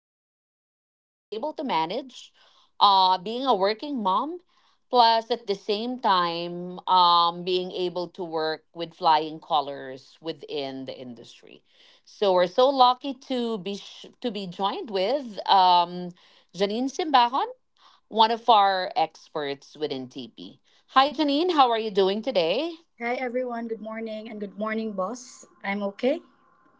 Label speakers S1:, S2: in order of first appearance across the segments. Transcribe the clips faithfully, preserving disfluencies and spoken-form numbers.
S1: as to how is she able to manage uh, being a working mom, plus at the same time um, being able to work with flying colors within the industry. So we're so lucky to be sh- to be joined with um, Janine Simbahan, one of our experts within T P. Hi, Janine. How are you doing today?
S2: Hi everyone, good morning and good morning, boss. I'm okay.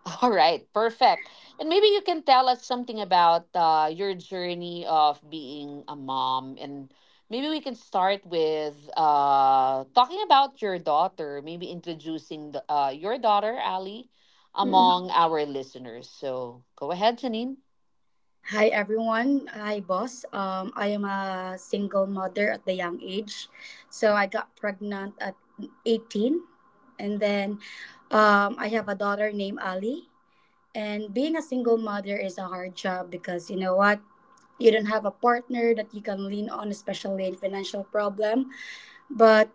S1: All right, perfect. And maybe you can tell us something about uh, your journey of being a mom, and maybe we can start with uh, talking about your daughter. Maybe introducing the, uh, your daughter, Ali,
S2: Mm-mm.
S1: among our listeners. So go ahead, Janine.
S2: Hi everyone, hi boss. Um, I am a single mother at the young age. So I got pregnant at eighteen, and then um, I have a daughter named Ali. And being a single mother is a hard job because you know what? You don't have a partner that you can lean on, especially in financial problem. But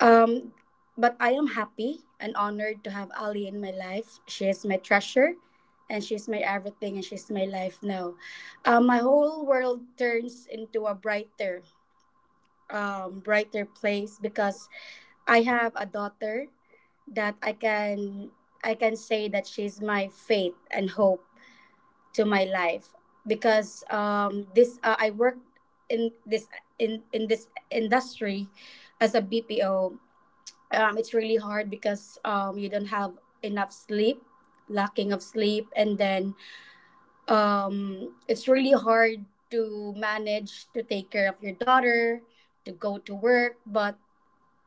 S2: Um, but I am happy and honored to have Ali in my life. She is my treasure, and she's my everything, and she's my life now. Um, my whole world turns into a brighter, um, brighter place because I have a daughter that I can I can say that she's my faith and hope to my life because um, this uh, I worked in this in in this industry as a B P O. Um, it's really hard because um, you don't have enough sleep, lacking of sleep, and then um, it's really hard to manage, to take care of your daughter, to go to work. But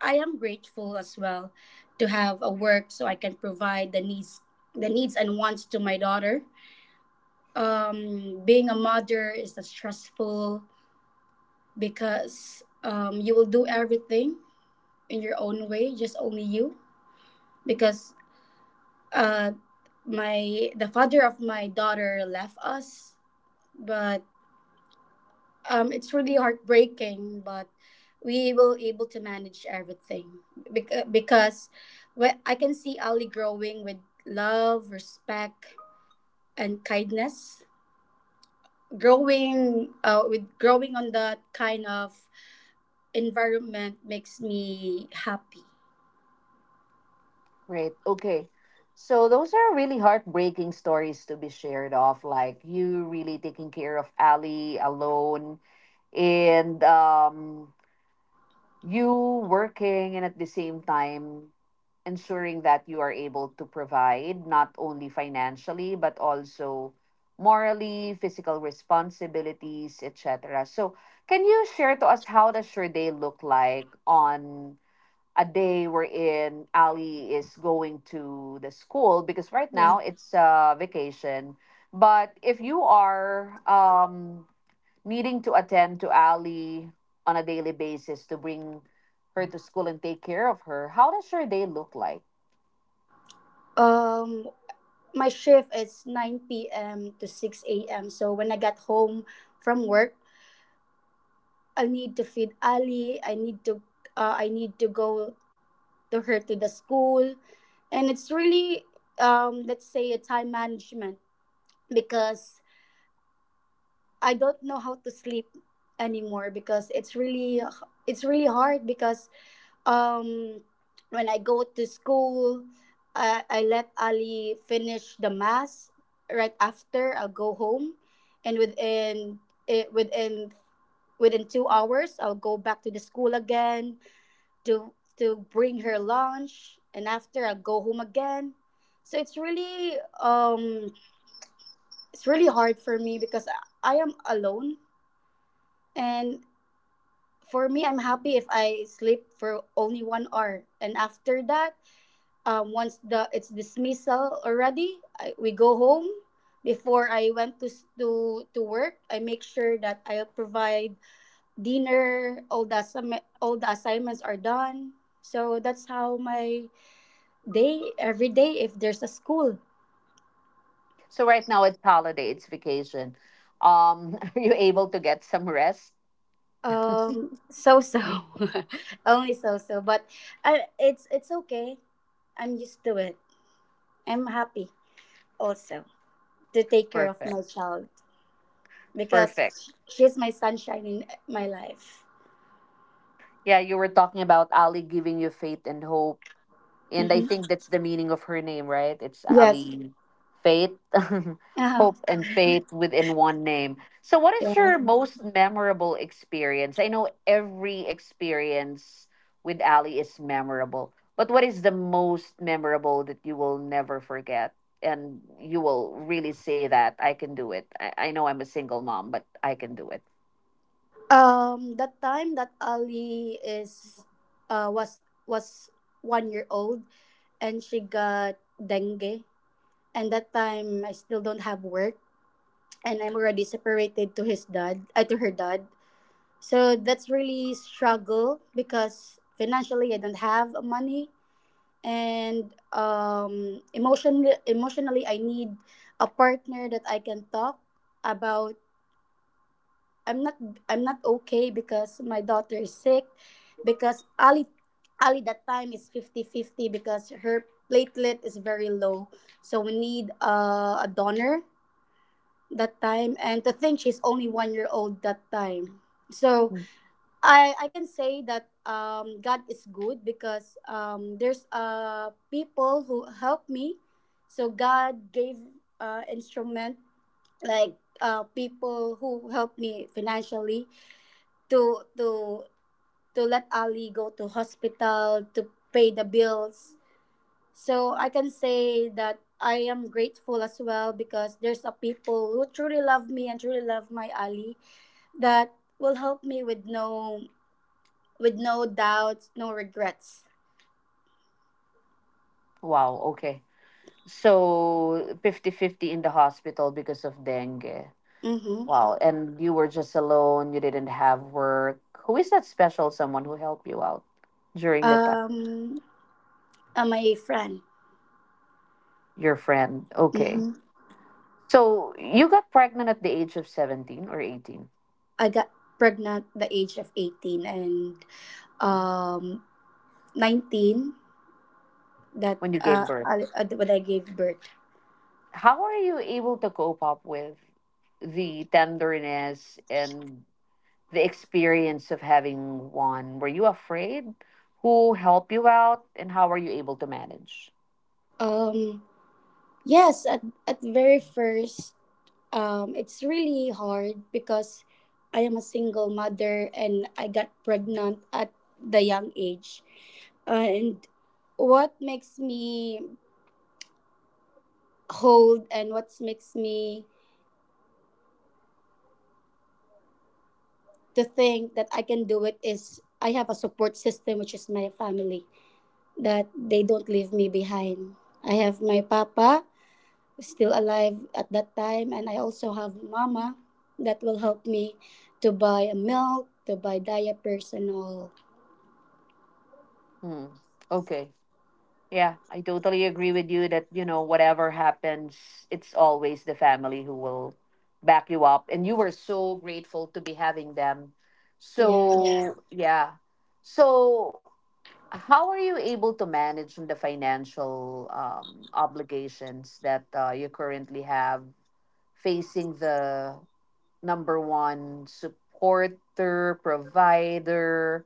S2: I am grateful as well to have a work so I can provide the needs, the needs and wants to my daughter. Um, being a mother is a stressful because um, you will do everything in your own way, just only you. Because uh, my the father of my daughter left us, but um it's really heartbreaking, but we will able to manage everything because because whe- I can see Ali growing with love, respect, and kindness, growing uh, with growing on that kind of environment makes me happy.
S1: Great. Okay. So those are really heartbreaking stories to be shared of, like you really taking care of Ali alone and um, you working and at the same time ensuring that you are able to provide not only financially but also morally, physical responsibilities, et cetera. So can you share to us how does your day look like on a day wherein Ali is going to the school because right
S2: Yeah.
S1: now it's a vacation. But if you are um, needing to attend to Ali on a daily basis to bring her to school and take care of her, how does your day look like?
S2: um my shift is nine p.m to six a.m, so when I got home from work, I need to feed Ali. I need to uh, I need to go to her to the school, and it's really, um, let's say, a time management because I don't know how to sleep anymore because it's really it's really hard because um, when I go to school, I, I let Ali finish the mass. Right after, I'll go home, and within it within within two hours I'll go back to the school again to to bring her lunch, and after, I'll go home again. So it's really um it's really hard for me because I I am alone, and for me I'm happy if I sleep for only one hour. And after that, um once the it's dismissal already. I, we go home. Before I went to s- to to work, I make sure that I'll provide dinner, all the assi- all the assignments are done. So that's how my day, every day if there's a school.
S1: So right now it's holiday, it's vacation. Um, are you able to get some rest?
S2: Um so so. Only so so, but uh, it's it's okay. I'm used to it. I'm happy also to take care of
S1: Perfect.
S2: my child because
S1: Perfect.
S2: she's my sunshine in my life.
S1: Yeah, you were talking about Ali giving you faith and hope. And I
S2: Hmm.
S1: think that's the meaning of her name, right? It's
S2: Yes.
S1: Ali. Faith. Hope
S2: Uh-huh.
S1: and faith within one name. So, what is
S2: Yeah.
S1: your most memorable experience? I know every experience with Ali is memorable, but what is the most memorable that you will never forget? And you will really say that I can do it. I, I know I'm a single mom, but I can do it.
S2: um that time that Ali is uh was was one year old, and she got dengue, and that time I still don't have work, and I'm already separated to his dad, uh, to her dad. So that's really struggle because financially I don't have money, and um emotionally emotionally I need a partner that I can talk about. I'm not I'm not okay because my daughter is sick because Ali Ali that time is fifty fifty because her platelet is very low, so we need uh, a donor that time. And to think she's only one year old that time. So i i can say that um God is good because um there's uh people who help me. So God gave uh instrument, like uh people who help me financially to to to let Ali go to hospital, to pay the bills. So I can say that I am grateful as well because there's a people who truly love me and truly love my Ali, that will help me with no with no doubts, no regrets.
S1: Wow, okay. So fifty fifty in the hospital because of dengue.
S2: Mm-hmm.
S1: Wow. And you were just alone, you didn't have work. Who is that special someone who helped you out during the time?
S2: Um, uh, my friend.
S1: Your friend. Okay.
S2: Mm-hmm.
S1: So you got pregnant at the age of seventeen or eighteen
S2: I got pregnant the age of eighteen, and um nineteen that
S1: when you gave
S2: uh,
S1: birth.
S2: I, uh, when I gave birth.
S1: How are you able to cope up with the tenderness and the experience of having one? Were you afraid? Who helped you out and how were you able to manage?
S2: Um, yes, at, at very first. Um, it's really hard because I am a single mother and I got pregnant at the young age. And what makes me hold and what makes me to think that I can do it is I have a support system, which is my family, that they don't leave me behind. I have my papa, who's still alive at that time, and I also have mama that will help me to buy a milk, to buy diapers and all.
S1: Hmm. Okay. Yeah, I totally agree with you that, you know, whatever happens, it's always the family who will back you up. And you were so grateful to be having them.
S2: Yeah.
S1: So, yeah. So, how are you able to manage the financial um, obligations that uh, you currently have facing the number one supporter, provider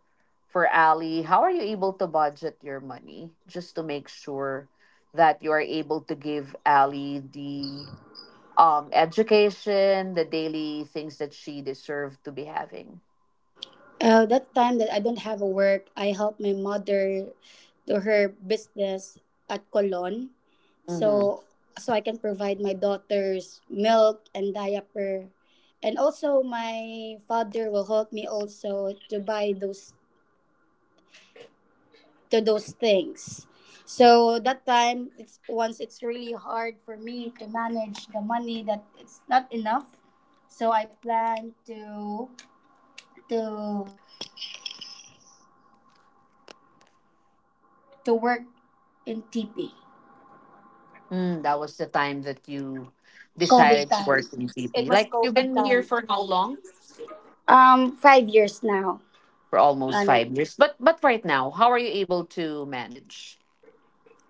S1: for Ali? How are you able to budget your money just to make sure that you are able to give Ali the um education, the daily things that she deserved to be having?
S2: Uh, that time that I don't have a work, I help my mother do her business at Colon.
S1: Mm-hmm.
S2: So so I can provide my daughters milk and diaper. And also my father will help me also to buy those, to those things. So that time it's once it's really hard for me to manage the money that it's not enough. So I plan to to to work in T P.
S1: Mm, that was the time that you
S2: COVID
S1: decided to work
S2: time.
S1: in
S2: It
S1: T P.
S2: was
S1: Like you've
S2: COVID
S1: been here
S2: time.
S1: for how long?
S2: Um, five years now
S1: For almost
S2: running.
S1: five years. But but right now, how are you able to manage?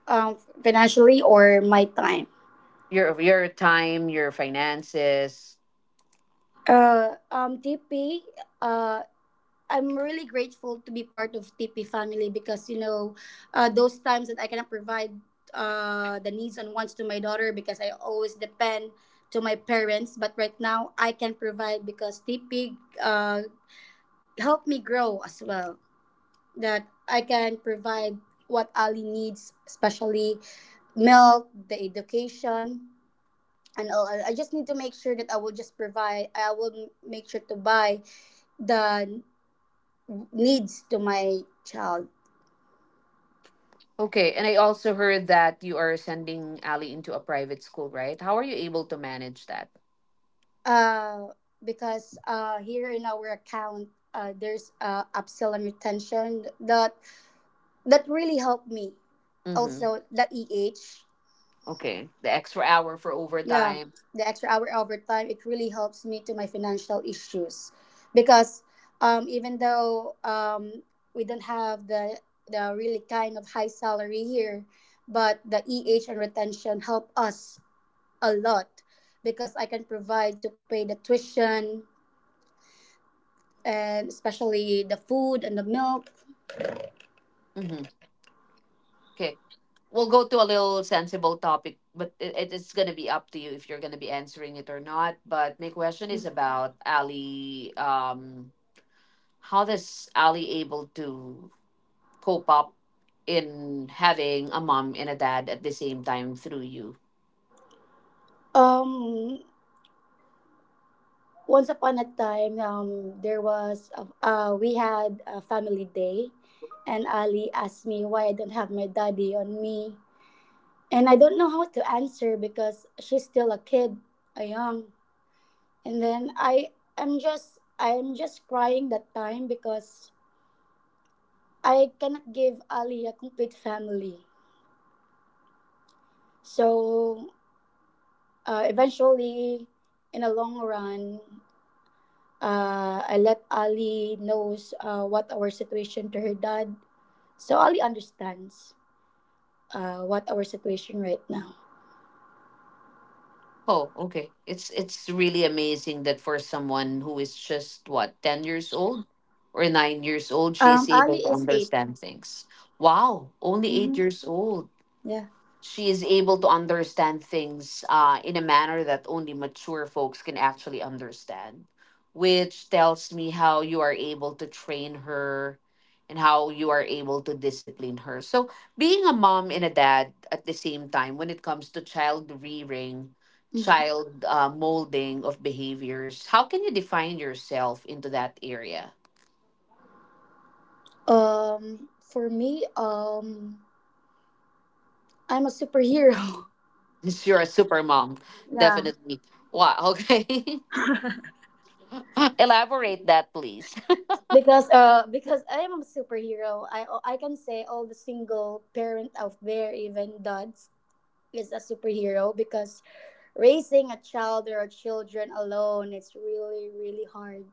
S2: Um, financially or my time.
S1: your your time, your finances.
S2: Uh, um, T P. Uh, I'm really grateful to be part of T P family because you know, uh, those times that I cannot provide uh the needs and wants to my daughter because I always depend to my parents. But right now I can provide because T P uh helped me grow as well, that I can provide what Ali needs, especially milk, the education, and all. I I just need to make sure that I will just provide. I will m- make sure to buy the n- needs to my child.
S1: Okay, and I also heard that you are sending Ali into a private school, right? How are you able to manage that?
S2: Uh, because uh, here in our account, uh, there's uh, upsell and retention that that really helped me.
S1: Mm-hmm.
S2: Also, the E H.
S1: Okay, the extra hour for
S2: Yeah,
S1: overtime.
S2: the extra hour overtime, it really helps me to my financial issues because um, even though um, we don't have the the really kind of high salary here, but the E H and retention help us a lot because I can provide to pay the tuition and especially the food and the milk.
S1: Mm-hmm. Okay, we'll go to a little sensible topic, but it, it- it's gonna be up to you if you're gonna be answering it or not. But my question is about Ali. Um, how does Ali able to cope up in having a mom and a dad at the same time through you?
S2: Um, once upon a time, um, there was a, uh, we had a family day, and Ali asked me why I don't have my daddy on me, and I don't know how to answer because she's still a kid, a young, and then I am just I'm just crying that time because I cannot give Ali a complete family. So uh, eventually, in a long run, Uh, I let Ali knows uh, what our situation to her dad, so Ali understands uh, what our situation right now.
S1: Oh, okay. It's it's really amazing that for someone who is just what, ten years old or nine years old, she
S2: Um,
S1: is
S2: Ali
S1: able to
S2: is eight.
S1: understand things. Wow, only eight
S2: Mm-hmm.
S1: years old
S2: Yeah.
S1: she is able to understand things uh, in a manner that only mature folks can actually understand, which tells me how you are able to train her and how you are able to discipline her. So, being a mom and a dad at the same time, when it comes to child rearing,
S2: Mm-hmm.
S1: child uh, molding of behaviors, how can you define yourself into that area?
S2: Um, for me, um, I'm a superhero.
S1: Since you're a super mom,
S2: Yeah,
S1: definitely. Wow, okay. Elaborate that, please.
S2: because uh, because I am a superhero. I I can say all the single parent out there, even dads, is a superhero because raising a child or children alone, it's really really hard.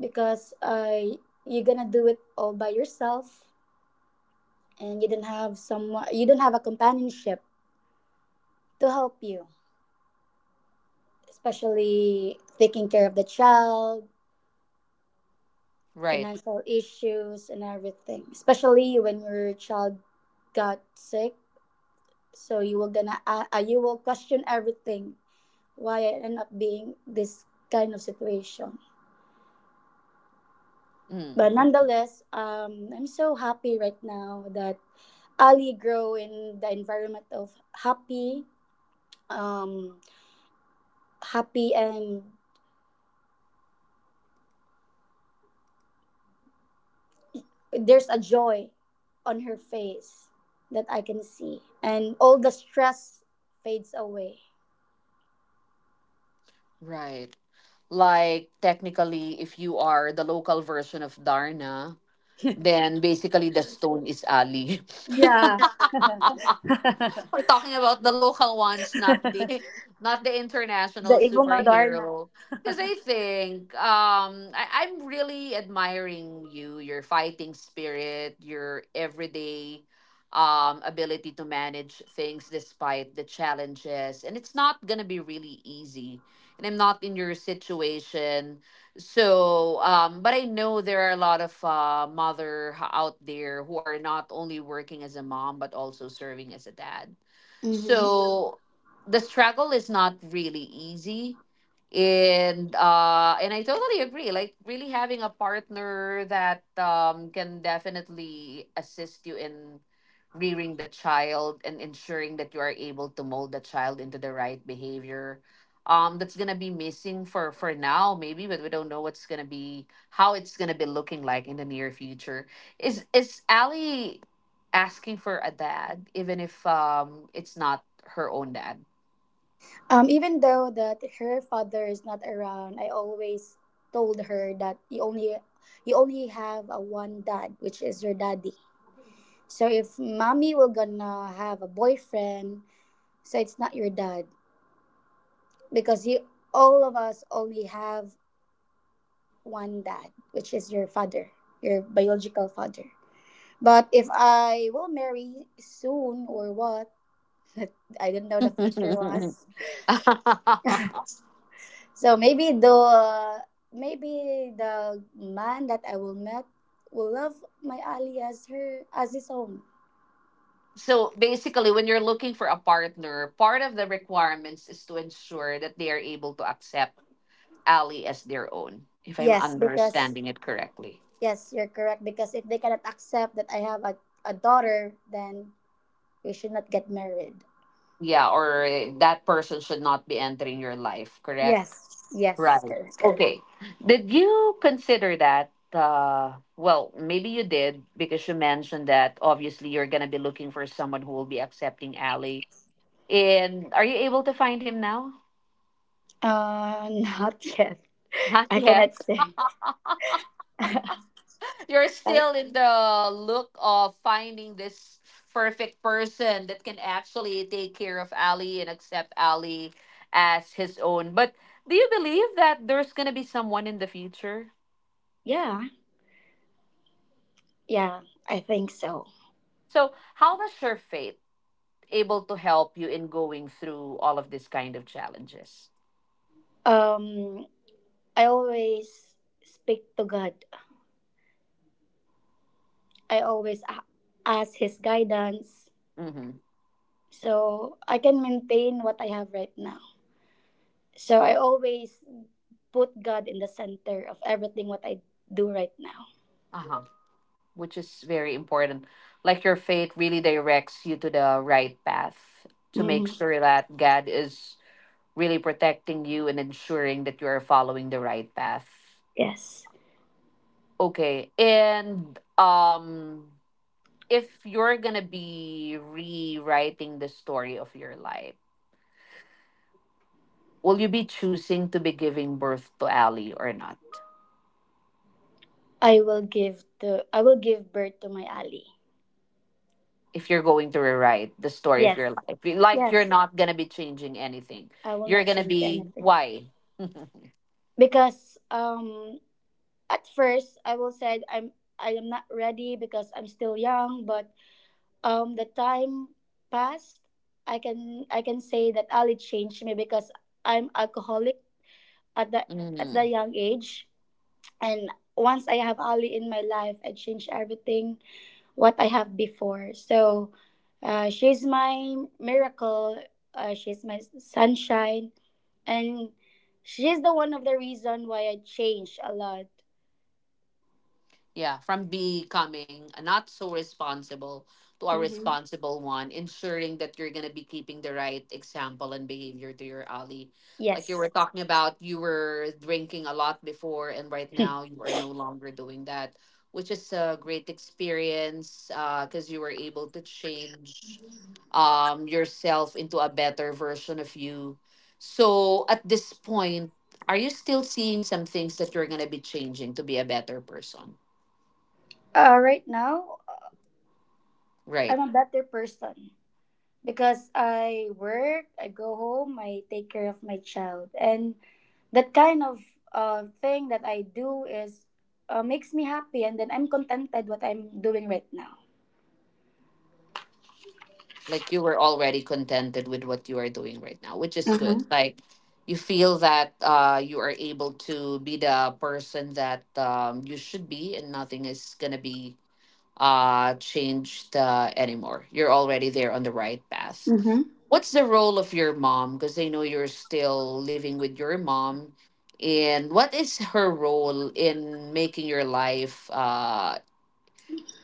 S2: Because uh, you're gonna do it all by yourself, and you don't have someone, you don't have a companionship to help you, especially taking care of the child,
S1: Right.
S2: financial issues, and everything, especially when your child got sick. So you were gonna uh, uh, you will question everything, why I end up being this kind of situation.
S1: Mm,
S2: But
S1: okay.
S2: nonetheless, um, I'm so happy right now that Ali grow in the environment of happy, um, happy, and there's a joy on her face that I can see, and all the stress fades away.
S1: Right. Like technically, if you are the local version of Darna, then basically the stone is Ali.
S2: Yeah. the
S1: We're talking about the local ones, not the not the international
S2: Ibong Adarna.
S1: superhero. Because I think um, I, I'm really admiring you, your fighting spirit, your everyday um, ability to manage things despite the challenges. And it's not going to be really easy. And I'm not in your situation. So, um, but I know there are a lot of uh, mother h- out there who are not only working as a mom but also serving as a dad.
S2: Mm-hmm.
S1: So the struggle is not really easy. And uh and I totally agree. Like really having a partner that um can definitely assist you in rearing the child and ensuring that you are able to mold the child into the right behavior. Um, that's gonna be missing for for now, maybe, but we don't know what's gonna be how it's gonna be looking like in the near future. Is is Ali asking for a dad, even if um it's not her own dad.
S2: Um, even though that her father is not around, I always told her that you only you only have a one dad, which is your daddy. So if mommy will gonna have a boyfriend, so it's not your dad because you all of us only have one dad, which is your father, your biological father. But if I will marry soon or what, I don't know the future was. So maybe the maybe the man that I will met will love my Ali as her as his own.
S1: So basically, when you're looking for a partner, part of the requirements is to ensure that they are able to accept Ali as their own, if I'm
S2: Yes, because
S1: understanding it correctly.
S2: Yes, you're correct. Because if they cannot accept that I have a, a daughter, then we should not get married.
S1: Yeah, or eh, that person should not be entering your life, correct?
S2: Yes,
S1: Right.
S2: yes, correct.
S1: Okay. Did you consider that? Uh, well, maybe you did because you mentioned that obviously you're going to be looking for someone who will be accepting Ali. And are you able to find him now?
S2: Uh, not yet.
S1: Not
S2: I
S1: yet.
S2: cannot say.
S1: You're
S2: Uh,
S1: still in the look of finding this perfect person that can actually take care of Ali and accept Ali as his own. But do you believe that there's going to be someone in the future?
S2: yeah, yeah, I think so.
S1: So, how does your faith able to help you in going through all of these kind of challenges.
S2: Um, I always speak to God. I always a- ask His guidance,
S1: Mm-hmm.
S2: so I can maintain what I have right now. So I always put God in the center of everything what I do right now.
S1: Uh-huh. Which is very important. Like your faith really directs you to the right path to make
S2: Hmm.
S1: sure that God is really protecting you and ensuring that you are following the right path.
S2: Yes.
S1: Okay. And um if you're going to be rewriting the story of your life, will you be choosing to be giving birth to Ali or not?
S2: I will give the I will give birth to my ally.
S1: If you're going to rewrite the story of
S2: Yes.
S1: your life. You- Like you're
S2: Yes.
S1: not gonna be changing anything.
S2: I will not
S1: You're gonna
S2: change
S1: be
S2: anything.
S1: why.
S2: Because um at first I will said I'm I am not ready because I'm still young, but um the time passed. I can I can say that Ali changed me because I'm alcoholic at the at the
S1: Mhm.
S2: young age. And once I have Ali in my life I change everything. What I have before. So uh, she's my miracle. Uh, she's my sunshine, and she's the one of the reason why I changed a lot.
S1: Yeah, from becoming a not so responsible to a
S2: Hmm.
S1: responsible one, ensuring that you're going to be keeping the right example and behavior to your ally. Like you were
S2: Yes.
S1: talking about, you were drinking a lot before, and right
S2: uh,
S1: now you are no longer doing that, which is a great experience because you were able to change um, yourself into a better version of you. So at this point, are you still seeing some things that you're going to be changing to be a better person?
S2: right now, I'm
S1: Right.
S2: a better person because I work, I go home, I take care of my child, and that kind of uh, thing that I do is uh, makes me happy, and then I'm contented what I'm doing right now.
S1: Like you were already contented with what you are doing right now, which is good. Like you feel that uh you are able to be the person that um you should be and nothing is gonna be uh changed uh anymore. You're already there on the right path.
S2: Mm-hmm.
S1: What's the role of your mom? Because I know you're still living with your mom. And what is her role in making your life uh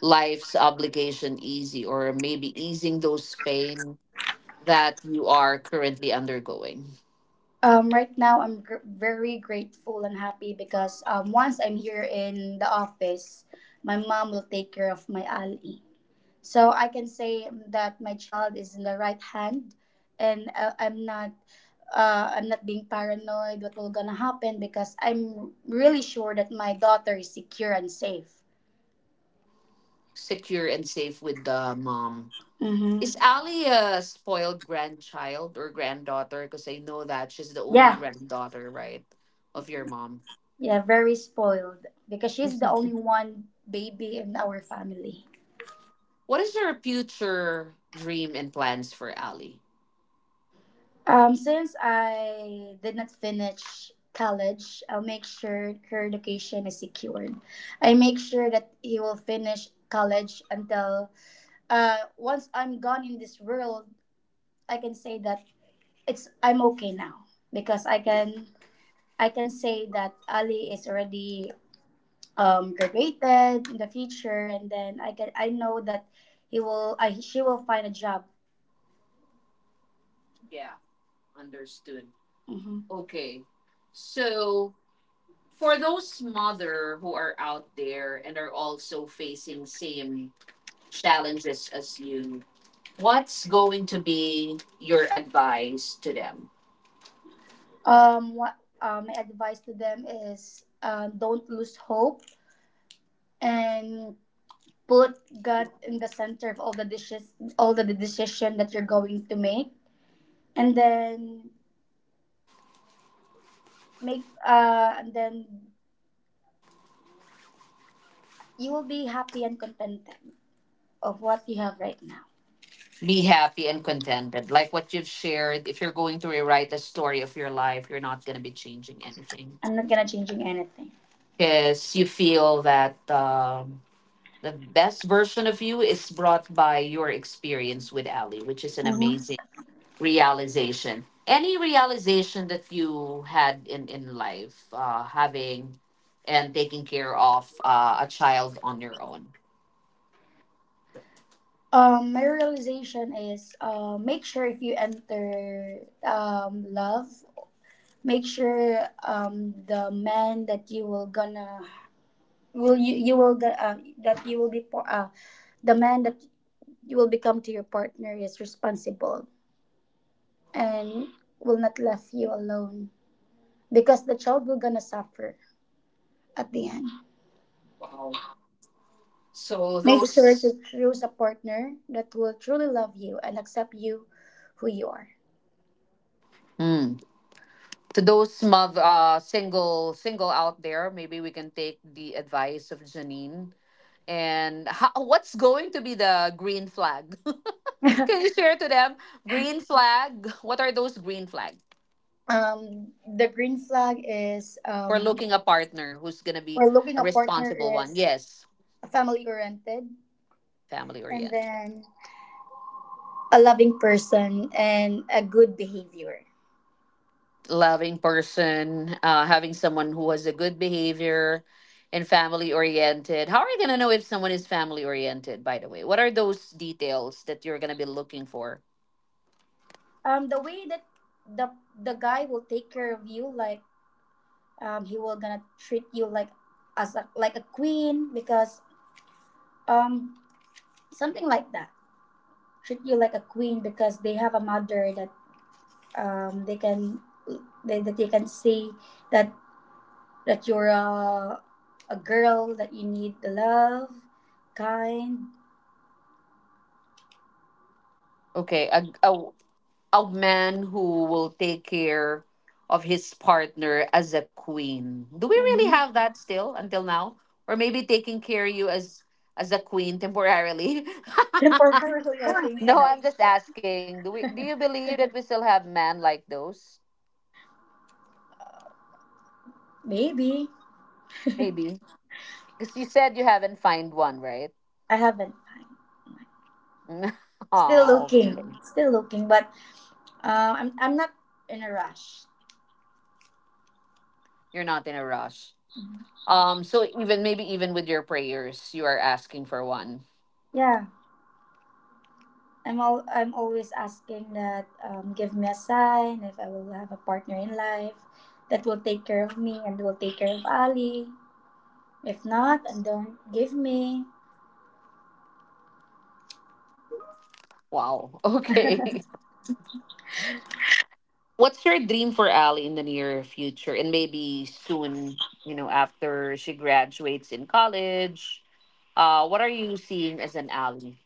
S1: life's obligation easy or maybe easing those pain that you are currently undergoing.
S2: Um, right now, I'm gr- very grateful and happy because um, once I'm here in the office, my mom will take care of my Ali. So I can say that my child is in the right hand, and uh, I'm not. Uh, I'm not being paranoid what will gonna happen because I'm really sure that my daughter is secure and safe.
S1: Secure and safe with the mom. Is
S2: Mm-hmm.
S1: Ali a spoiled grandchild or granddaughter? Because I know that she's the only
S2: Yeah,
S1: granddaughter, right, of your mom.
S2: yeah, very spoiled because she's the only one baby in our family.
S1: What is her future dream and plans for Ali?
S2: Um, since I did not finish college, I'll make sure her education is secured. I make sure that he will finish college until uh once I'm gone in this world, I can say that it's I'm okay now because I can I can say that Ali is already um graduated in the future, and then I can I know that he will I she will find a job.
S1: Yeah, understood.
S2: Mhm.
S1: Okay, so for those mother who are out there and are also facing same challenges as you, what's going to be your advice to them?
S2: Um, what uh, My advice to them is um, don't lose hope and put God in the center of all the dishes, all the decision that you're going to make, and then make uh, and then you will be happy and contented of what you have right now.
S1: Be happy and contented. Like what you've shared, if you're going to rewrite the story of your life, you're not going to be changing anything
S2: I'm not gonna changing anything.
S1: because you feel that um, the best version of you is brought by your experience with Ali, which is an
S2: Mm-hmm.
S1: amazing realization. Any realization that you had in, in life, uh, having and taking care of uh, a child on your own.
S2: Um, my realization is uh, make sure if you enter um, love, make sure um, the man that you will gonna will you you will get uh, that you will be par- uh, the man that you will become to your partner is responsible and will not left you alone because the child will gonna suffer at the end.
S1: So
S2: Make sure to
S1: those
S2: choose a partner that will truly love you and accept you who you are.
S1: Mm. To those mother uh single single out there, maybe we can take the advice of Janine. And how, what's going to be the green flag? Can you share to them green flag? What are those green flag
S2: Um the green flag is
S1: for
S2: um
S1: looking a partner who's gonna be
S2: we're looking
S1: a
S2: a partner
S1: responsible one?
S2: is
S1: Yes,
S2: family oriented,
S1: family
S2: and
S1: oriented.
S2: then a loving person and a good behavior.
S1: Loving person, uh, having someone who has a good behavior and family oriented. How are you going to know if someone is family oriented, by the way? What are those details that you're going to be looking for?
S2: Um the way that the the guy will take care of you, like, um he will gonna treat you like as a, like a queen because um something like that treat you like a queen because they have a mother that um they can they, that they can see that that you're a a girl that you need the love kind.
S1: Okay, a, a, a man who will take care of his partner as a queen. Do we really have
S2: Mm-hmm.
S1: that still until now? Or maybe taking care of you as as a queen temporarily?
S2: Temporarily, I think
S1: No,
S2: so.
S1: I'm just asking. Do we do you believe that we still have men like those?
S2: Maybe.
S1: Maybe. Because you said you haven't find one, right?
S2: I haven't. Still
S1: Oh,
S2: looking, still looking, but Uh, I'm I'm not in a rush.
S1: you're not in a rush.
S2: Mhm.
S1: Um, so even maybe even with your prayers, you are asking for one.
S2: Yeah, I'm all I'm always asking that, um, give me a sign if I will have a partner in life that will take care of me and will take care of Ali. If not, and don't give me.
S1: Wow. Okay. What's your dream for Ali in the near future, and maybe soon? You know, after she graduates in college, uh, what are you seeing as an Ali?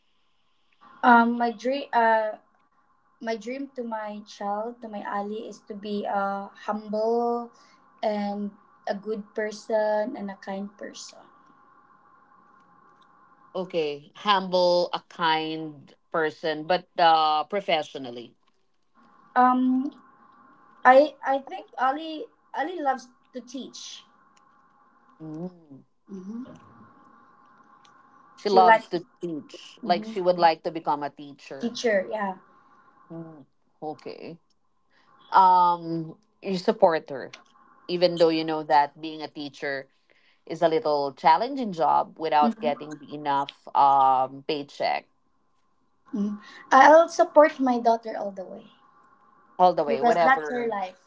S2: Um, my dream uh my dream to my child to my Ali is to be a humble and a good person and a kind person.
S1: Okay, humble, a kind person, but uh, professionally.
S2: Um, I I think Ali Ali loves to teach.
S1: Mm.
S2: Mhm.
S1: She
S2: She
S1: loves
S2: likes.
S1: to teach. Like she
S2: Hmm.
S1: would like to become a teacher.
S2: Teacher, yeah.
S1: Mm. Okay. Um, you support her, even though you know that being a teacher is a little challenging job without
S2: Hmm.
S1: getting the enough um paycheck
S2: I'll support my daughter all the way
S1: all the way,
S2: because that's her
S1: whatever.
S2: life.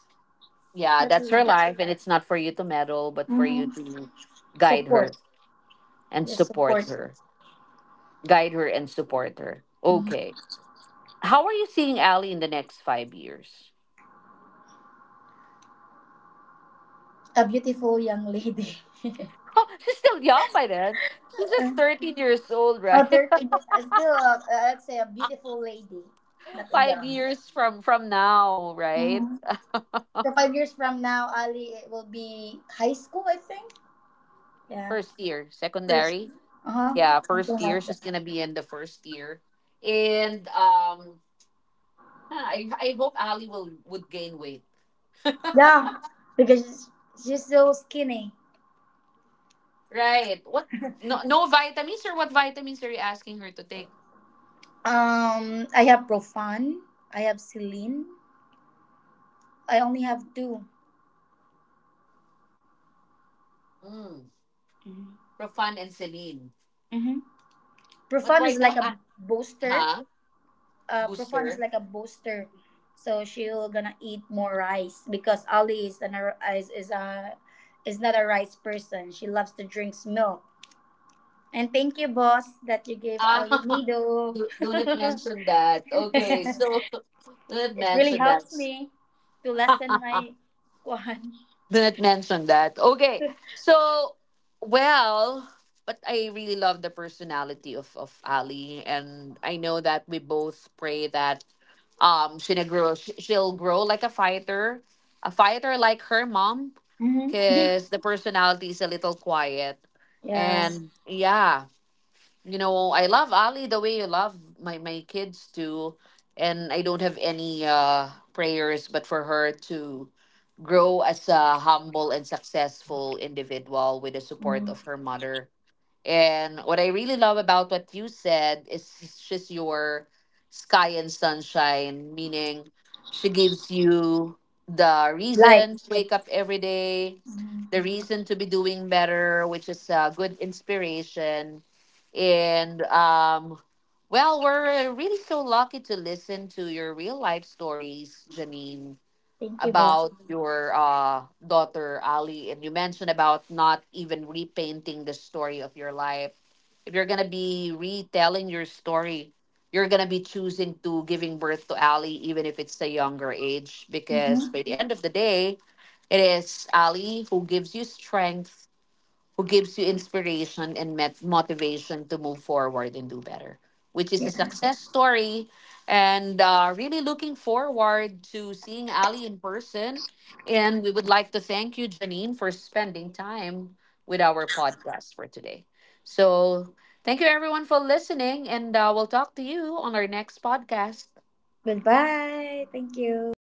S1: Yeah,
S2: That's
S1: that's
S2: her
S1: her
S2: life.
S1: life, and it's not for you to meddle, but for you
S2: Hmm.
S1: to guide her
S2: Support,
S1: and
S2: just
S1: support
S2: support.
S1: her. Guide her and support her.
S2: Hmm.
S1: Okay. How are you seeing Ali in the next five years?
S2: A beautiful young lady.
S1: Oh, she's still young by then. She's just thirteen years old,
S2: Oh,
S1: right?
S2: thir- uh, still, uh, uh, let's say a beautiful lady, not a
S1: Five
S2: young.
S1: years from from now, right?
S2: Hmm. So five years from now, Ali it will be high school, I think. Yeah.
S1: First year,
S2: First,
S1: secondary.
S2: uh huh,
S1: Yeah,
S2: something
S1: first year.
S2: like
S1: She's
S2: that.
S1: gonna be in the first year, and um, huh, I I hope Ali will would gain weight,
S2: Yeah, because she's so skinny.
S1: right? What? No, no vitamins or what vitamins are you asking her to take?
S2: Um, I have Profan. I have Celine. I only have two.
S1: Mm.
S2: Mm-hmm.
S1: Profan and Celine.
S2: Mm-hmm.
S1: But
S2: Profan is
S1: right now,
S2: like a
S1: ah,
S2: booster.
S1: huh?
S2: Uh, Profan is
S1: Booster.
S2: like a booster, so she'll gonna eat more rice because Ali is an ar- is is a is not a rice person. She loves to drink milk. And thank you, boss, that you gave
S1: Ah,
S2: Ali Nido.
S1: do, do not mention
S2: It
S1: that. Okay, so do not
S2: really
S1: mention that.
S2: helps me to lessen my kuhan.
S1: Do not mention that. Okay. So, well, but I really love the personality of, of Ali. And I know that we both pray that um she'll grow, sh- she'll grow like a fighter, a fighter like her mom,
S2: Mm-hmm.
S1: because the personality is a little quiet.
S2: Yeah.
S1: And yeah, you know, I love Ali the way you love my my kids too, and I don't have any uh prayers but for her to grow as a humble and successful individual with the support
S2: Mhm.
S1: of her mother, and what I really love about what you said is she's your sky and sunshine, meaning she gives you the
S2: Light.
S1: reason to wake up every day, the reason to be doing better, which is a good inspiration. And um, well, we're really so lucky to listen to your real life stories, Janine,
S2: Thank you, boss.
S1: about your uh, daughter Ali, and you mentioned about not even repainting the story of your life. If you're gonna be retelling your story, you're gonna be choosing to giving birth to Ali, even if it's a younger age, because
S2: Mm-hmm.
S1: by the end of the day, it is Ali who gives you strength, who gives you inspiration and met- motivation to move forward and do better, which is a
S2: Yeah.
S1: success story. And uh, really looking forward to seeing Ali in person. And we would like to thank you, Janine, for spending time with our podcast for today. So, thank you everyone for listening, and uh, we'll talk to you on our next podcast.
S2: Goodbye. Thank you.